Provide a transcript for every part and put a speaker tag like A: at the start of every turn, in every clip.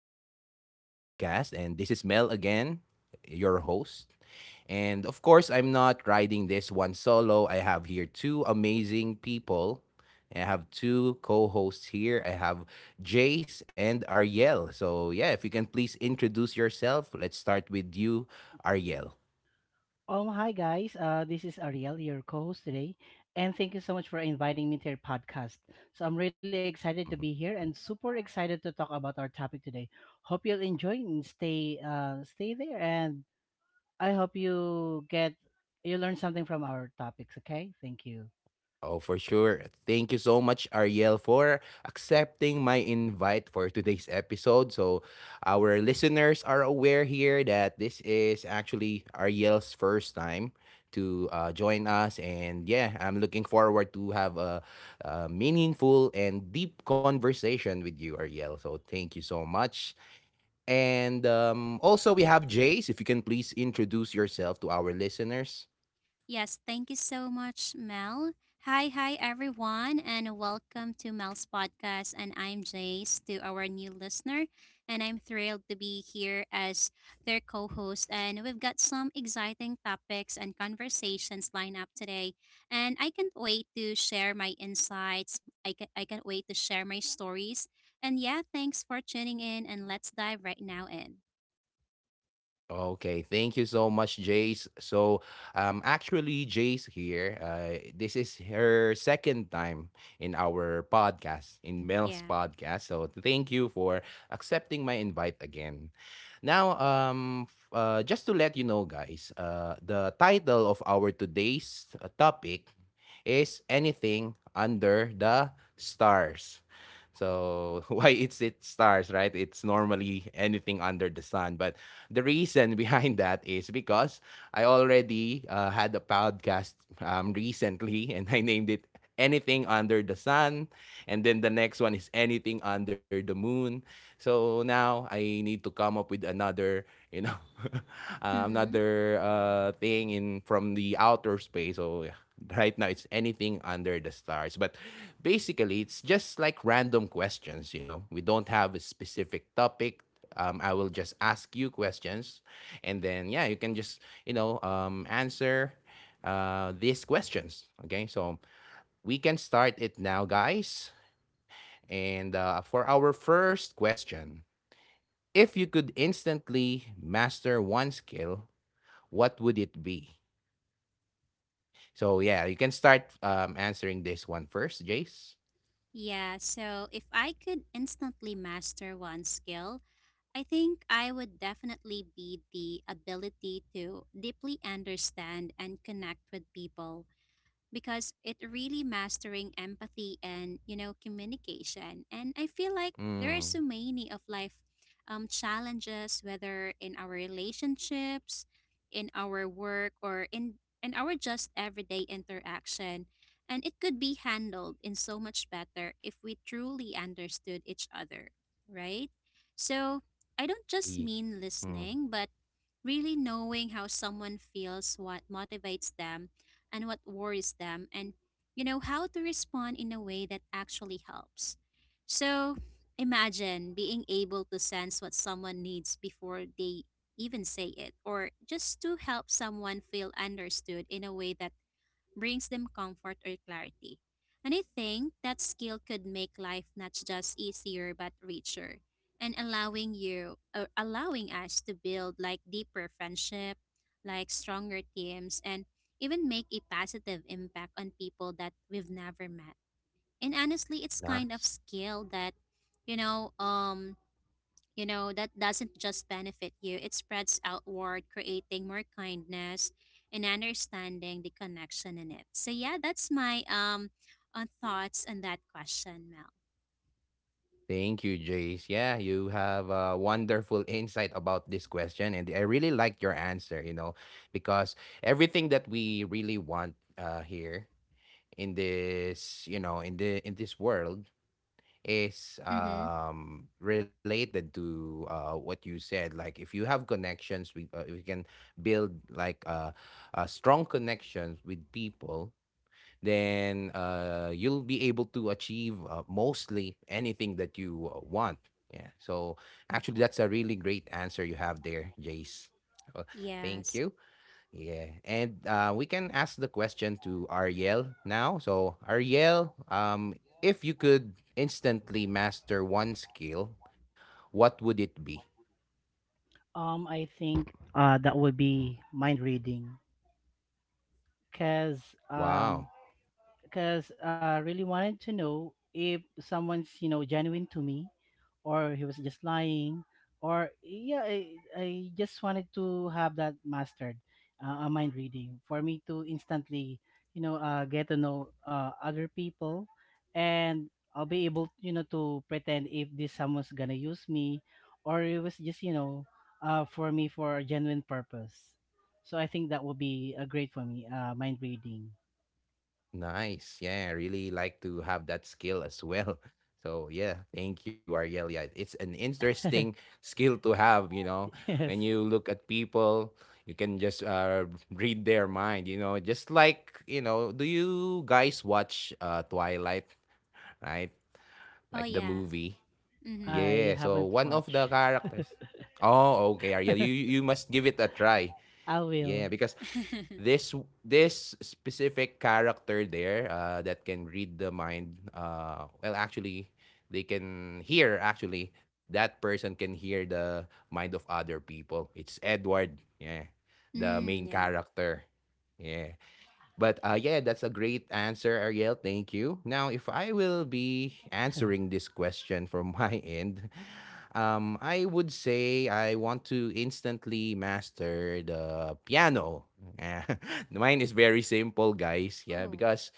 A: to our podcast. And this is Mel again, your host. And of course, I'm not riding this one solo. I have here two amazing people. I have two co hosts here. I have Jace and Ariel. So, yeah, if you can please introduce yourself, let's start with you, Ariel. Mm-hmm. Oh, for sure. Thank you so much, Ariel, for accepting my invite for today's episode. So, our listeners are aware here that this is actually Ariel's first time to join us. And yeah, I'm looking forward to have a meaningful and deep conversation with you, Ariel. So, thank you so much. And also, we have Jace. If you can please introduce yourself to our listeners.
B: Yes, thank you so much, Mel. Hi, everyone, and welcome to Mel's podcast. And I'm Jace to our new listener, and I'm thrilled to be here as their co host. And we've got some exciting topics and conversations lined up today. And I can't wait to share my insights, I, can, I can't wait to share my stories. And yeah, thanks for tuning in, and let's dive right now in.
A: Okay, thank you so much, Jace. So, actually, Jace here. This is her second time in our podcast, in Mel's
B: Yeah.
A: podcast. So, thank you for accepting my invite again. Now, just to let you know, guys, the title of our today's topic is anything under the stars. So why it's it stars, right? It's normally anything under the sun. But the reason behind that is because I already had a podcast recently, and I named it anything under the sun, and then the next one is anything under the moon. So now I need to come up with another, you know
B: Mm hmm.
A: another thing in from the outer space. So yeah, right now it's anything under the stars. But basically, it's just like random questions. You know, we don't have a specific topic. I will just ask you questions, and then yeah, you can just answer these questions. Okay, so we can start it now, guys. And for our first question, if you could instantly master one skill, what would it be? So yeah, you can start answering this one first, Jace.
B: Yeah, so if I could instantly master one skill, I think I would definitely be the ability to deeply understand and connect with people because it really mastering empathy and communication, and I feel like there are
A: Mm,
B: so many of life challenges, whether in our relationships, in our work, or in our just everyday interaction. And it could be handled in so much better if we truly understood each other, right? So I don't
A: ye-
B: just mean
A: mm,
B: listening but really knowing how someone feels, what motivates them, and what worries them, and how to respond in a way that actually helps. So imagine being able to sense what someone needs before they even say it, or just to help someone feel understood in a way that brings them comfort or clarity. And I think that skill could make life not just easier but richer, and allowing you or allowing us to build like deeper friendship, like stronger teams, and even make a positive impact on people that we've never met. And honestly, it's kind of
A: Nice.
B: skill that you know um that doesn't just benefit you, it spreads outward, creating more kindness and understanding the connection in it. So, yeah, that's my thoughts on that question, Mel.
A: Thank you, Jace. Yeah, you have a wonderful insight about this question, and I really like your answer. You know, because everything that we really want here in this, you know, in the in this world is
B: Mm-hmm.
A: related to what you said. Like, if you have connections, we if you can build like strong connections with people, then you'll be able to achieve mostly anything that you want. Yeah, so actually, that's a really great answer you have there, Jace. So thank
B: Yes.
A: you. Yeah, and we can ask the question to Ariel now. So, Ariel, if you could instantly master one skill, what would it be? Wow, nice. Yeah, I really like to have that skill as well. So, yeah, thank you, Ariel. Yeah, it's an interesting skill to have, you know. When you look at people, you can just read their mind, you know, just like, you know, do you guys watch Twilight? Right?
B: Oh,
A: Like the
B: yeah.
A: movie.
B: Mm-hmm.
A: Yeah, so one of the characters. Oh, okay, Ariel, you must give it a try. Yeah, because this this specific character there that can read the mind. Well, actually, they can hear. Actually, that person can hear the mind of other people. It's Edward. Yeah, the
B: mm,
A: main
B: yeah.
A: character. Yeah. But yeah, that's a great answer, Ariel. Thank you. Now, if I will be answering this question from my end, I would say I want to instantly master the piano. Eh, Mine is very simple, guys. Yeah,
B: Oh.
A: because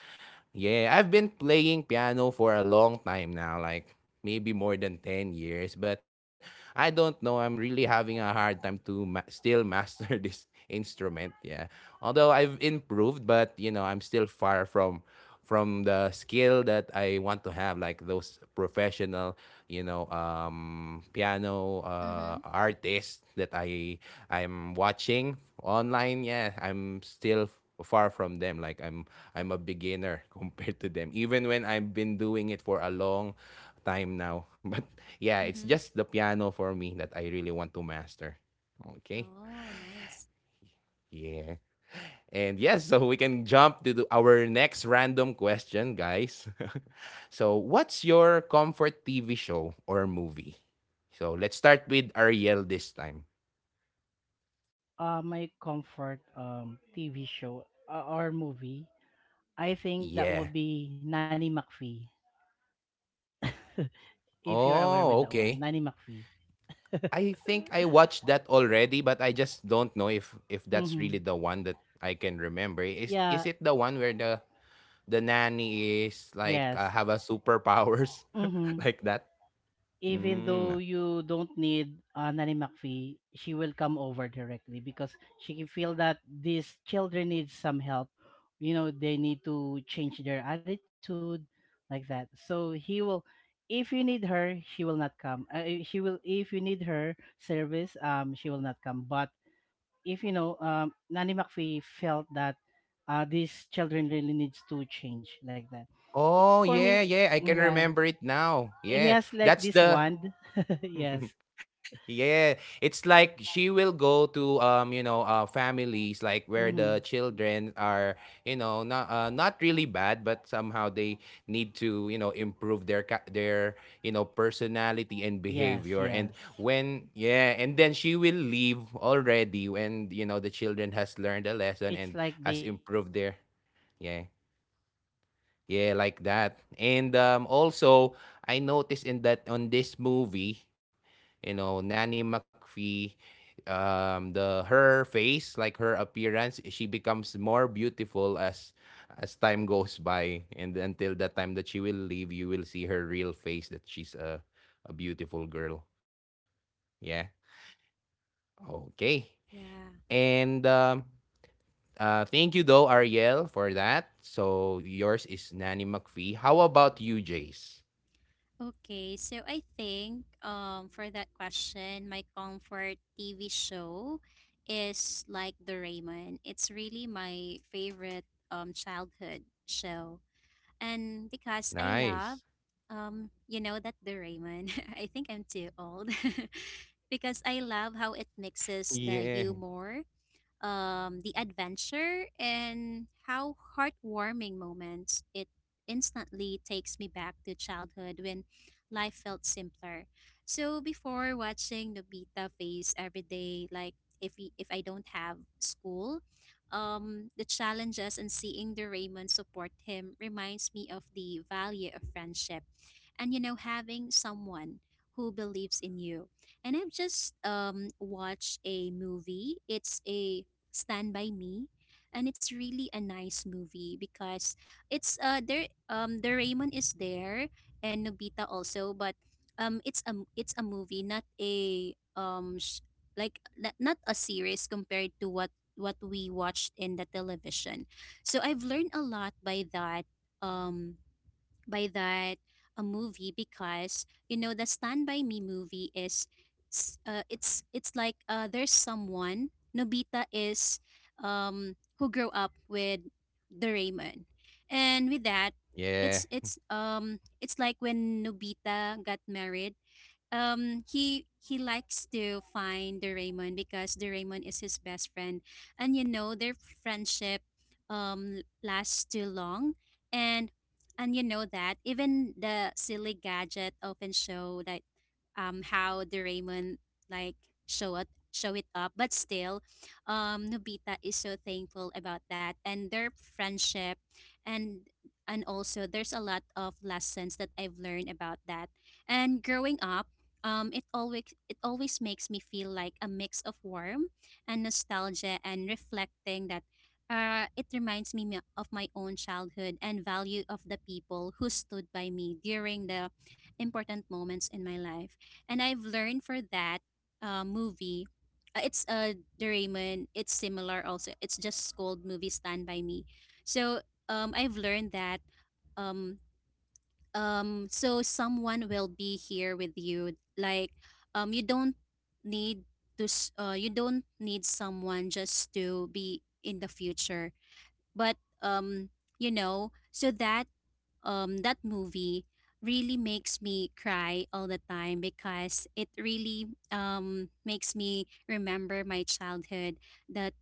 A: yeah, I've been playing piano for a long time now, like maybe more than 10 years, but I don't know, I'm really having a hard time to ma- still master this instrument, yeah. Although I've improved, but you know, I'm still far from the skill that I want to have, like those professional, you know, piano
B: Mm-hmm.
A: artists that I'm watching online. Yeah, I'm still far from them. Like I'm a beginner compared to them, even when I've been doing it for a long time now. But yeah, it's
B: Mm-hmm.
A: just the piano for me that I really want to master. Okay.
B: Oh, nice.
A: Yeah. And yes, so we can jump to our next random question, guys. So, what's your comfort TV show or movie? So, let's start with Ariel this time. Yeah. Oh, okay. I think I watched that already, but I just don't know if that's really the one that I can remember. Is it the one where the nanny is like have a superpowers like that? Mm. Oh, yeah, yeah, I can remember it now. Yeah. That's the. Yeah, it's like she will go to you know, families like where the children are, you know, not really bad, but somehow they need to, you know, improve their personality and behavior. And when yeah, and then she will leave already when, you know, the children has learned a lesson and has improved their. Yeah. Yeah, like that. And also, I noticed in that on this movie, you know, Nanny McPhee, the her face, like her appearance, she becomes more beautiful as time goes by, and until the time that she will leave, you will see her real face that she's a beautiful girl. Yeah. Okay.
B: Yeah.
A: And thank you though, Ariel, for that. So yours is Nanny McPhee. How about you, Jace?
B: Okay, so I think for that question, my comfort TV show is like Doraemon. It's really my favorite childhood show. And because I love
A: Nice.
B: you know that Doraemon. I think I'm too old. because I love how it
A: Yeah.
B: mixes the humor, the adventure, and how heartwarming moments it instantly takes me back to childhood when life felt simpler. So before watching Nobita face every day, like if I don't have school, the challenges and seeing the Raymond support him reminds me of the value of friendship and, you know, having someone
A: Yeah.
B: who believes in you. And I've just watched a movie. It's a Stand By Me. And it's really a nice movie because it's there the Raymond is there, and Nobita also, but it's a, it's a movie, not a like not, not a series compared to what we watched in the television. So I've learned a lot by that um by that a movie, because you know the Stand by Me movie is it's like there's someone Nobita is, who grew up with Doraemon. And with that,
A: Yeah.
B: it's like when Nobita got married, he likes to find Doraemon because Doraemon is his best friend, and you know their friendship lasts too long. and and you know that even the silly gadget often show that, how Doraemon, like, show it up, but still, Nobita is so thankful about that and their friendship. and and also there's a lot of lessons that I've learned about that, and growing up, it always makes me feel like a mix of warmth and nostalgia, and reflecting that, it reminds me of my own childhood and value of the people who stood by me during the important moments in my life. And I've learned for that movie. It's a, Doraemon. It's similar also. It's just called movie Stand by Me. So I've learned that um so someone will be here with you, like, you don't need you don't need someone just to be in the future, but you know, so that, that movie really makes me cry all the time because it really makes me remember my childhood, that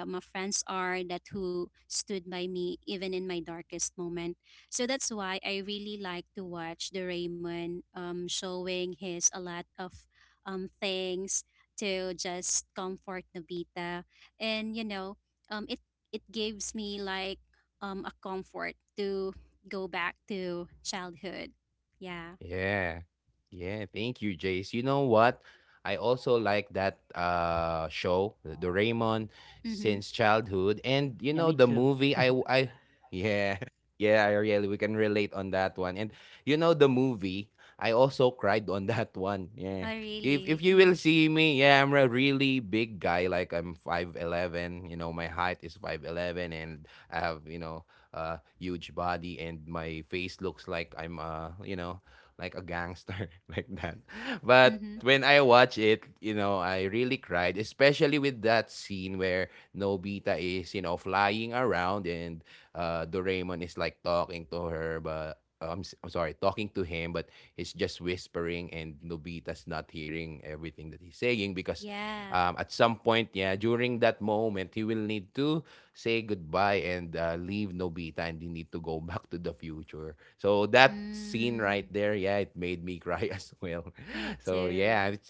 B: that my friends are that who stood by me even in my darkest moment. So that's why I really like to watch the Raymond showing his a lot of things to just comfort Nobita. And you know, it, it gives me like, a comfort to go back to childhood. Yeah.
A: Yeah. Yeah, thank you, Jace. You know what? I also like that show, the Doraemon,
B: Mm-hmm.
A: since childhood. And you know the movie I w- I yeah. Yeah, I really we can relate on that one. And you know the movie, I also cried on that one.
B: Oh,
A: Yeah. If
B: really?
A: if you
B: Mm-hmm.
A: will see me, yeah, I'm a really big guy like I'm 5'11, you know, my height is 5'11 and I have, you know, a huge body and my face looks like I'm you know, like a gangster like that. But
B: Mm-hmm.
A: when I watch it, you know, I really cried, especially with that scene where Nobita is, you know, flying around and Doraemon is like talking to her, but I'm sorry, talking to him, but he's just whispering, and Nobita's not hearing everything that he's saying because
B: Yeah.
A: at some point, yeah, during that moment, he will need to say goodbye and leave Nobita and they need to go back to the future. So that scene
B: Mm,
A: right there, yeah, it made me cry as well.
B: me
A: So yeah,
B: too.
A: it's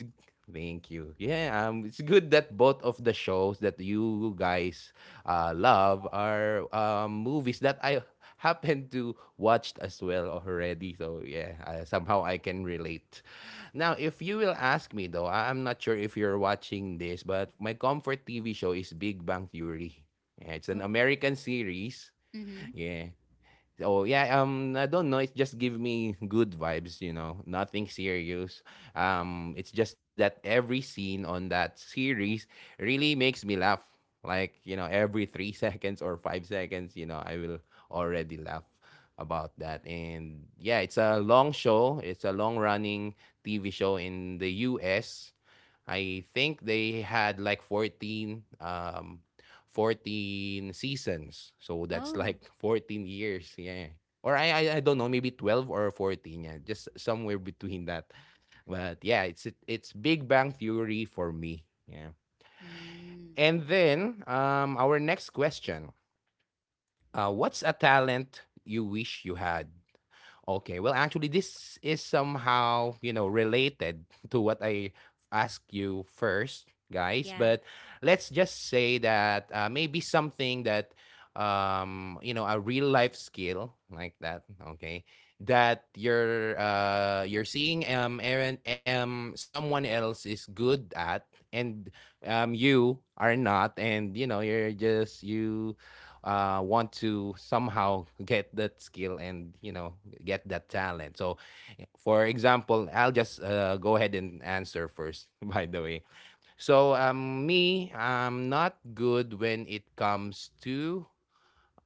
A: thank you. Yeah, it's good that both of the shows that you guys love are movies that I happen to watched as well already. So yeah, somehow I can relate. Now, if you will ask me though, I'm not sure if you're watching this, but my comfort TV show is Big Bang Theory. Yeah, it's an
B: Oh,
A: American series.
B: mm-hmm.
A: Yeah. So yeah, I don't know. It just give me good vibes, you know. Nothing serious. It's just that every scene on that series really makes me laugh. Like you know, every 3 seconds or 5 seconds, you know, I will already laugh about that. And yeah, it's a long show. It's a long running TV show in the U.S. I think they had like 14 14 seasons. So that's
B: Oh.
A: like 14 years. Yeah. Or I don't know, maybe 12 or 14. Yeah. Just somewhere between that. But yeah, it's Big Bang Theory for me. Yeah.
B: Mm,
A: And then our next question. What's a talent you wish you had? Okay. Well, actually, this is somehow, you know, related to what I asked you first, guys.
B: yeah.
A: But let's just say that maybe something that, you know, a real life skill like that. Okay. That you're seeing Aaron, someone else is good at, and you are not, and you know you're just you want to somehow get that skill, and you know, get that talent. So, for example, I'll just go ahead and answer first. By the way, so me, I'm not good when it comes to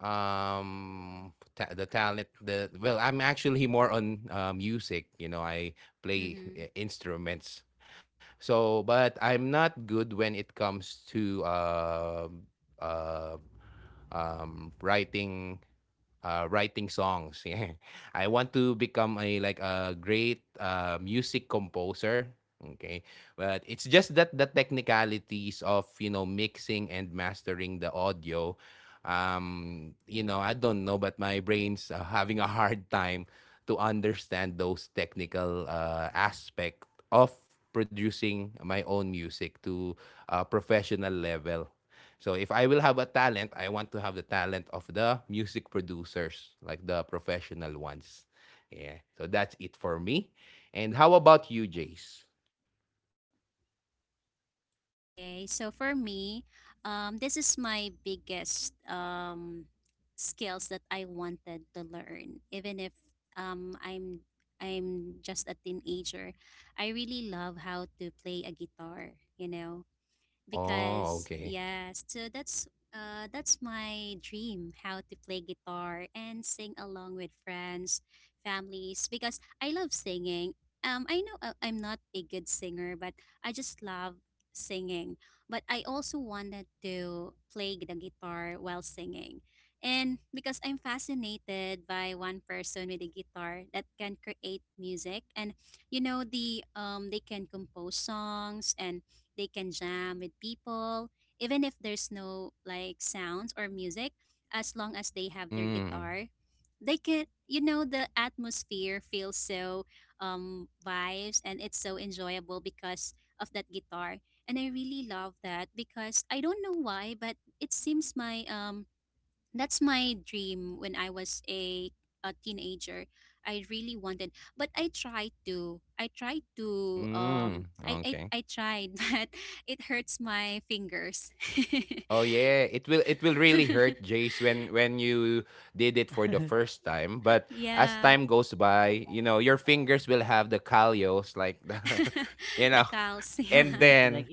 A: ta- the talent the well, I'm actually more on music. You know, I play
B: Mm-hmm.
A: instruments. So but I'm not good when it comes to uh, um, writing writing songs. Yeah. I want to become a like a great music composer. Okay, but it's just that the technicalities of you know mixing and mastering the audio, you know I don't know, but my brain's having a hard time to understand those technical aspect of producing my own music to a professional level. So if I will have a talent, I want to have the talent of the music producers, like the professional ones. Yeah. So that's it for me. And how about you, Jace?
B: Okay. So for me, this is my biggest skills that I wanted to learn, even if um I'm I'm just a teenager. I really love how to play a guitar, you know.
A: Oh,
B: Because
A: okay.
B: yes, so that's my dream, how to play guitar and sing along with friends, families, because I love singing. I know I'm not a good singer, but I just love singing. But I also wanted to play the guitar while singing. And because I'm fascinated by one person with a guitar that can create music, and you know the they can compose songs, and they can jam with people, even if there's no like sounds or music, as long as they have their
A: Mm.
B: guitar. They can, you know, the atmosphere feels so vibes, and it's so enjoyable because of that guitar. And I really love that because I don't know why, but it seems my that's my dream when I was a teenager. I really wanted, but I tried to. I tried to.
A: Mm. Okay.
B: I tried, but it hurts my fingers.
A: Oh yeah, it will really hurt Jace when you did it for the first time, but as
B: yeah,
A: time goes by, you know, your fingers will have the callos like the you
B: the
A: know.
B: calves. Yeah,
A: And then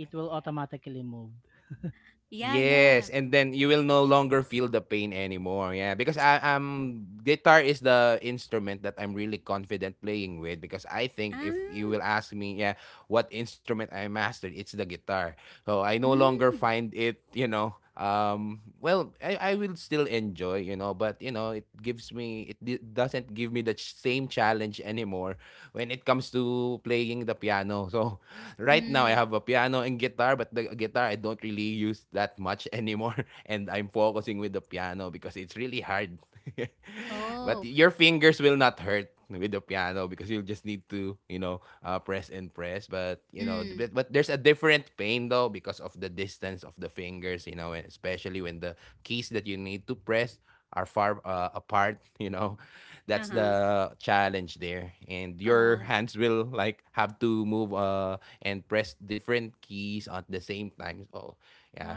B: yeah, yeah.
A: yes, and then you will no longer feel the pain anymore. Yeah, because I guitar is the instrument that I'm really confident playing with because I think if
B: Ah,
A: you will ask me, yeah, what instrument I mastered, it's the guitar. So I no longer
B: mm,
A: find it, you know, well, I will still enjoy, you know, but, you know, it gives me, doesn't give me the same challenge anymore when it comes to playing the piano. So right now I
B: mm.
A: have a piano and guitar, but the guitar I don't really use that much anymore. And I'm focusing with the piano because it's really hard. But
B: Oh,
A: your fingers will not hurt with the piano because you'll just need to, you know, press and press. But you know,
B: mm.
A: but there's a different pain though, because of the distance of the fingers, you know, and especially when the keys that you need to press are far apart, you know,
B: Uh
A: that's
B: huh.
A: the challenge there. And your
B: Oh,
A: hands will like have to move and press different keys at the same time, so
B: all
A: yeah.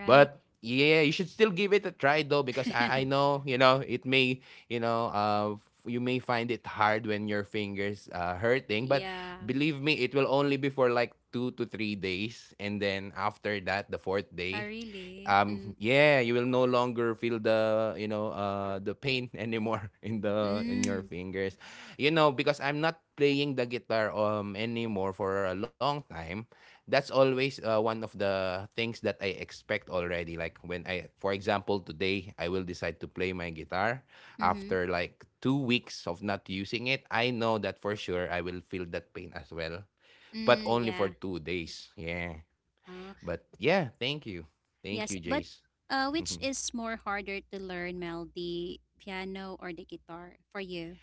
B: right.
A: But yeah, you should still give it a try though, because I know, you know, it may, you know, you may find it hard when your fingers hurting, but
B: yeah.
A: believe me, it will only be for like 2 to 3 days, and then after that the fourth
B: Ah,
A: day,
B: really? Mm.
A: yeah, you will no longer feel the, you know, the pain anymore in the in your
B: Mm.
A: fingers, you know. Because I'm not playing the guitar anymore for a long time, that's always one of the things that I expect already. Like when I, for example, today I will decide to play my guitar
B: Mm-hmm.
A: after like 2 weeks of not using it, I know that for sure I will feel that pain as well, but
B: Mm,
A: only for
B: yeah.
A: 2 days. Yeah,
B: Oh,
A: but yeah, thank you. Thank you,
B: yes. But
A: Jace.
B: which
A: Mhm.
B: is more harder to learn, Mel, the piano or the guitar for you?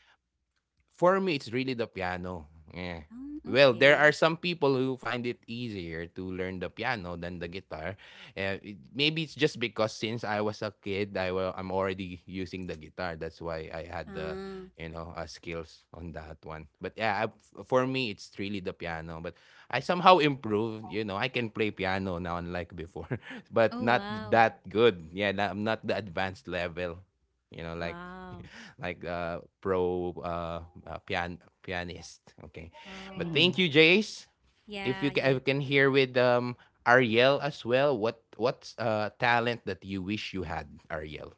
A: For me, it's really the piano. Yeah. Well, there are
B: Okay.
A: some people who find it easier to learn the piano than the guitar. Maybe it's just because since I was a kid, I'm already using the guitar. That's why I had the,
B: Uh,
A: you know, skills on that one. But yeah, I, for me, it's really the piano. But I somehow improved. You know, I can play piano now, unlike before, but
B: oh,
A: not
B: wow.
A: that good. Yeah, I'm not the advanced level. You know, like
B: Wow.
A: like pro pianist. Okay, but
B: Oh,
A: thank you, Jace. If
B: yeah,
A: you I
B: yeah.
A: can hear with Ariel as well. What's talent that you wish you had, Ariel?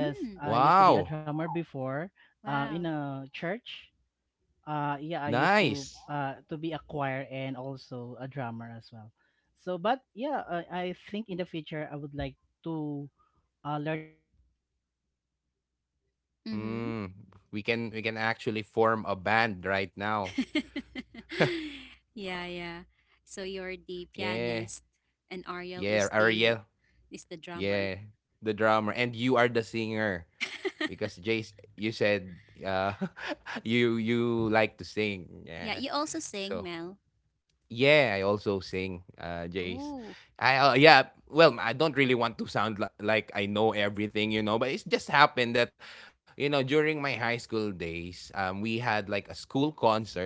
B: Mm,
A: Wow.
B: wow.
A: Nice.
B: Mm-hmm.
A: Mm, we can actually form a band right now. Uh,
B: yeah, yeah. So you're the
A: yeah.
B: pianist and Ariel
A: Yeah,
B: is the,
A: Ariel.
B: is the drummer.
A: Yeah, the drummer, and you are the singer. Because Jace, you said, you like to sing,
B: Yeah,
A: yeah.
B: you also sing,
A: So
B: Mel.
A: yeah, I also sing, Jace.
B: Oh.
A: I yeah. Well, I don't really want to sound like I know everything, you know. But it's just happened that, you know, during my high school days, we had like a school concert,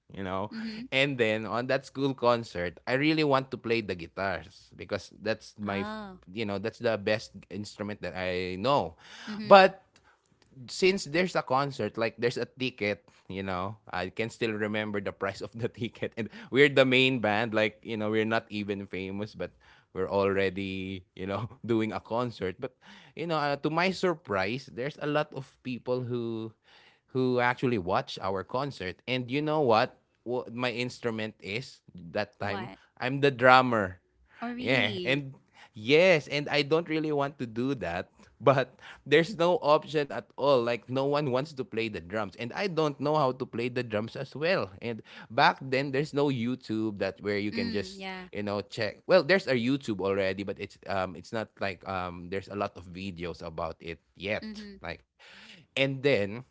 A: you know,
B: Mm-hmm.
A: and then on that school concert, I really want to play the guitars, because that's my,
B: Oh.
A: you know, that's the best instrument that I know.
B: Mm-hmm.
A: But since there's a concert, like there's a ticket, you know, I can still remember the price of the ticket. And we're the main band, like, you know, we're not even famous, but we're already, you know, doing a concert. But, you know, to my surprise, there's a lot of people who actually watch our concert. And you know what? What my instrument is that time?
B: What?
A: I'm the drummer.
B: Oh,
A: Yeah,
B: really?
A: and yes, and I don't really want to do that, but there's no option at all. Like no one wants to play the drums, and I don't know how to play the drums as well. And back then, there's no YouTube that where you can
B: Mm,
A: just,
B: yeah.
A: you know, check. Well, there's a YouTube already, but it's it's not like, there's a lot of videos about it
B: Mm-hmm.
A: yet. Like, and then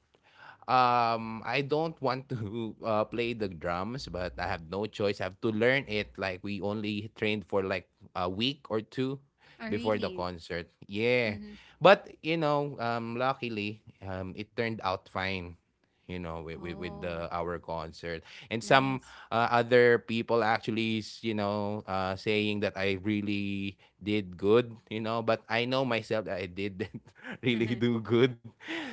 A: I don't want to play the drums, but I have no choice. I have to learn it. Like we only trained for like a week or two
B: Oh,
A: before the
B: really?
A: concert. Yeah,
B: Mm-hmm.
A: but you know, luckily, it turned out fine. You know, with the
B: Oh,
A: our concert. And some
B: nice.
A: other people actually, you know, saying that I really did good. You know, but I know myself that I didn't really do good.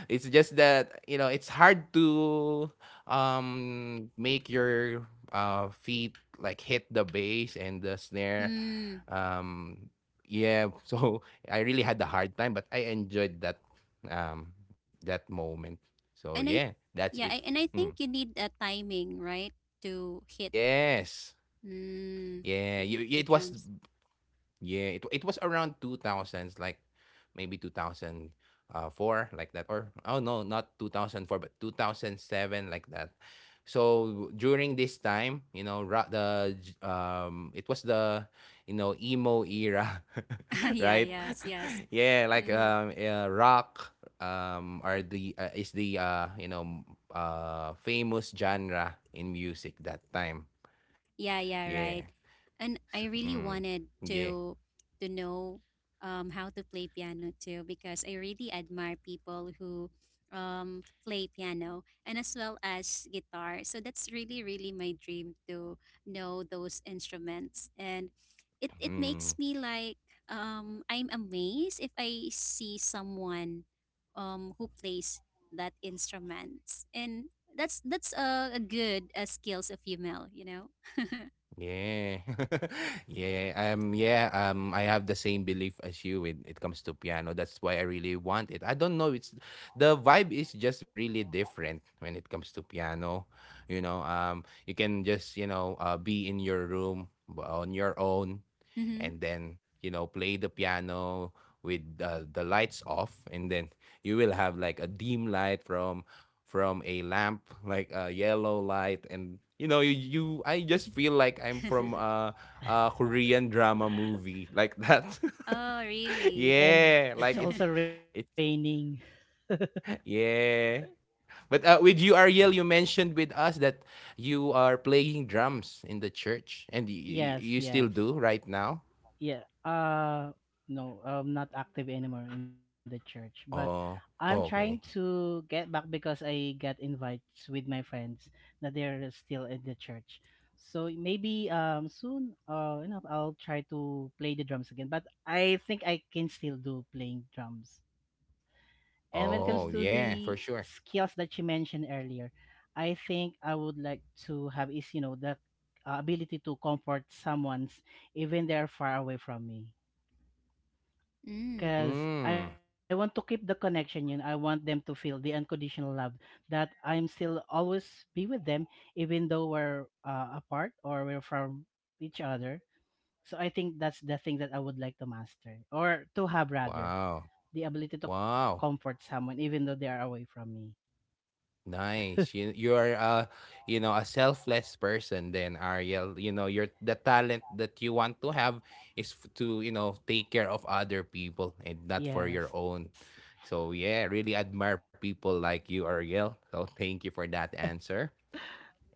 A: It's just that, you know, it's hard to make your feet like hit the bass and the snare.
B: mm.
A: Um yeah, so I really had a hard time, but I enjoyed that um that moment. So
B: And
A: yeah, that's it.
B: yeah, I, and I
A: Mm.
B: think you need a timing, right? To hit,
A: Yes.
B: mm,
A: Yeah,
B: to hit
A: you,
B: the
A: it was,
B: drums.
A: yeah, it was around 2000s, like maybe 2004, like that. Or, oh no, not 2004, but 2007, like that. So during this time, you know, it was the, you know, emo era,
B: yeah,
A: right?
B: yes, yes.
A: Yeah, like,
B: Mm-hmm.
A: rock, are the, is the, you know, famous genre in music that time.
B: Yeah, yeah,
A: Yeah.
B: right.
A: So,
B: And I
A: mm,
B: really wanted
A: yeah.
B: to know how to play piano too because I really admire people who play piano, and as well as guitar. So that's really, really my dream to know those instruments, and it
A: Mm.
B: makes me like I'm amazed if I see someone, who plays that instruments, and that's a good skills of female, you know.
A: Yeah. Yeah. Yeah, I have the same belief as you when it comes to piano. That's why I really want it. I don't know, it's the vibe is just really different when it comes to piano. You know, you can just, you know, be in your room on your own,
B: hmm.
A: and then, you know, play the piano with the lights off, and then you will have like a dim light from a lamp, like a yellow light, and you know, you I just feel like I'm from a Korean drama movie like that.
B: oh, really?
A: Yeah, like it's yeah. But with you, Ariel, you mentioned with us that you are playing drums in the church, and you still do right now. Oh, okay. Oh,
B: Mm.
A: yeah, for sure.
B: Mm.
A: Mm. Wow. Wow. Nice. You are you know, a selfless person then, Ariel. You know, your the talent that you want to have is to, you know, take care of other people and not for your own. So yeah, really admire people like you, Ariel. So thank you for that answer.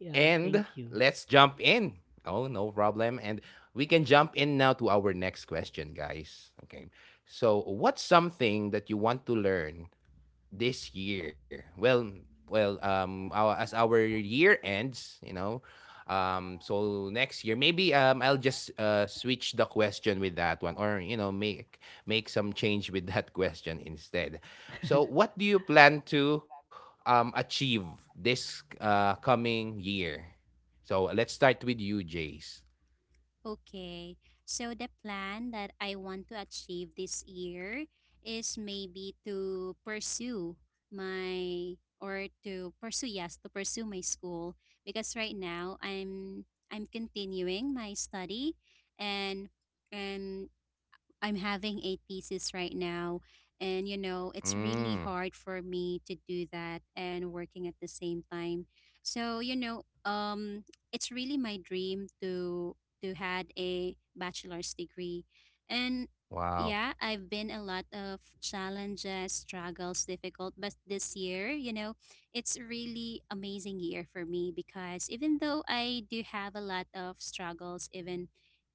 A: And let's jump in. Oh, no problem. And we can jump in now to our next question, guys. Okay. So, what's something that you want to learn this year? Well, well, our, as our year ends, you know, so next year maybe I'll just switch the question with that one, or you know, make some change with that question instead. So, what do you plan to achieve this coming year? So let's start with you, Jace.
B: Okay, so the plan that I want to achieve this year is maybe to pursue my, or to pursue, yes, to pursue my school, because right now I'm continuing my study. and and I'm having a thesis right now, and you know, it's really
A: Mm,
B: hard for me to do that and working at the same time. So, you know, it's really my dream to had a bachelor's degree. And
A: wow.
B: yeah, I've been a lot of challenges, struggles, difficult, but this year, you know, it's really amazing year for me because even though I do have a lot of struggles, even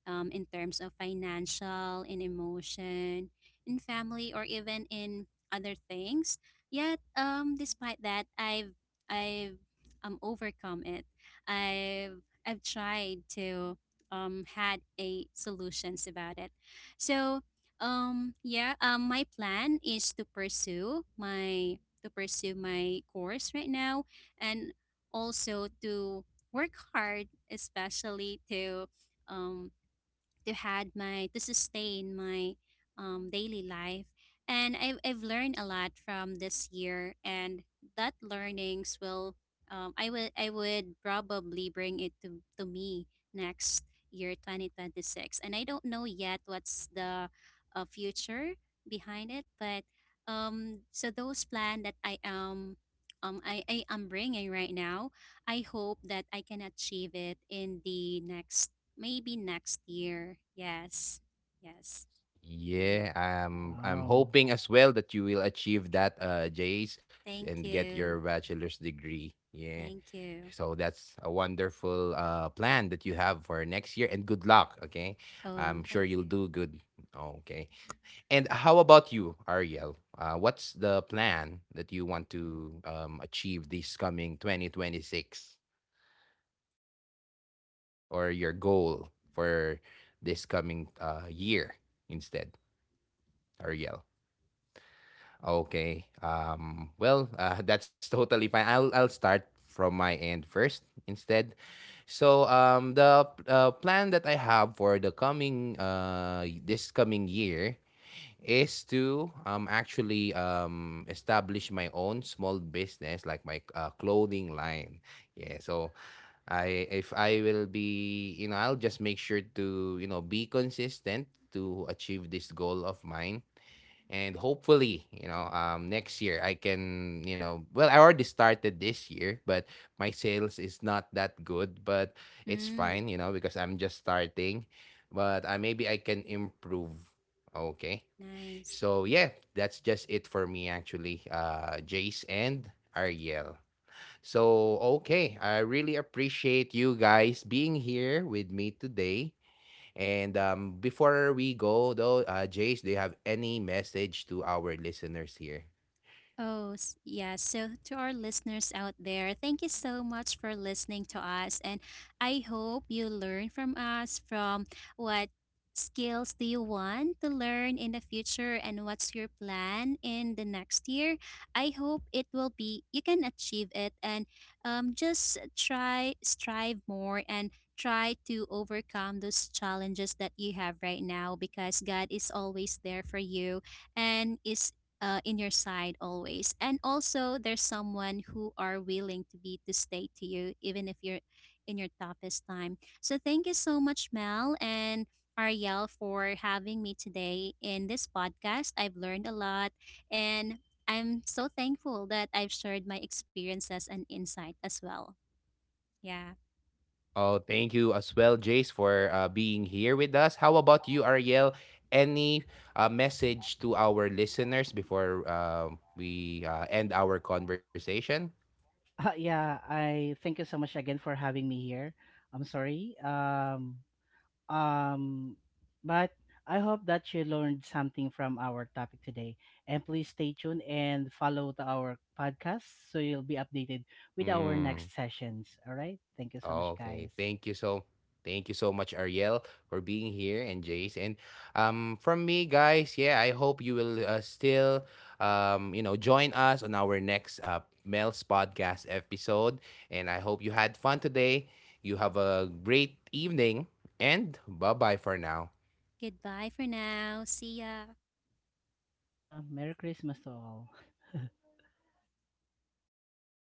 B: in terms of financial, in emotion, in family, or even in other things. Yet, despite that, I've overcome it. I've tried to, had a solutions about it. So yeah my plan is to pursue my, to pursue my course right now, and also to work hard, especially um to had my, to sustain my daily life. And I've learned a lot from this year, and that learnings will, I would probably bring it to me next year 2026. And I don't know yet what's the future behind it, but so those plan that I am bringing right now, I hope that I can achieve it in the next, maybe next year. Yes. Yes. Hmm.
A: Yeah, I'm hoping as well that you will achieve that, Jace, and
B: Thank
A: get your
B: you.
A: bachelor's degree. Yeah.
B: Thank you.
A: So that's a wonderful plan that you have for next year, and good luck, okay? I'm
B: Oh,
A: sure
B: thank
A: you'll
B: you.
A: do good. Okay. And how about you, Ariel? What's the plan that you want to achieve this coming 2026, or your goal for this coming year instead, Ariel? Okay. Well, that's totally fine. I'll start from my end first instead. So the plan that I have for the coming this coming year is to, actually, establish my own small business like my clothing line. Yeah. So I, if I will be, you know, I'll just make sure to, you know, be consistent to achieve this goal of mine. And hopefully, you know, next year I can, you know, well, I already started this year, but my sales is not that good, but it's
B: Mm,
A: fine, you know, because I'm just starting, but maybe I can improve. Okay,
B: nice.
A: so yeah, that's just it for me actually, Jace and Ariel. So okay, I really appreciate you guys being here with me today. And before we go, though, Jace, do you have any message to our listeners here?
B: Yeah. So, to our listeners out there, thank you so much for listening to us. And I hope you learn from us, from what skills do you want to learn in the future, and what's your plan in the next year. I hope it will be, you can achieve it. And just try, strive more, and try to overcome those challenges that you have right now, because God is always there for you, and is, in your side always. And also there's someone who are willing to be, to stay to you, even if you're in your toughest time. So thank you so much, Mel and Ariel, for having me today in this podcast. I've learned a lot, and I'm so thankful that I've shared my experiences and insight as well. Yeah.
A: Oh, thank you as well, Jace, for being here with us. How about you, Ariel? Any message to our listeners before we end our conversation?
C: Yeah, I thank you so much again for having me here. I'm sorry. Um, but I hope that you learned something from our topic today. And please stay tuned and follow to our podcast so you'll be updated with our
A: Hmm.
C: next sessions. All right. Thank you so much,
A: Okay.
C: guys.
A: Thank you so much, Ariel, for being here, and Jace. And from me, guys, yeah, I hope you will still you know, join us on our next Mel's podcast episode. And I hope you had fun today. You have a great evening, and bye bye for now.
B: Goodbye for now. See ya.
C: Merry Christmas to all.
B: Merry Christmas.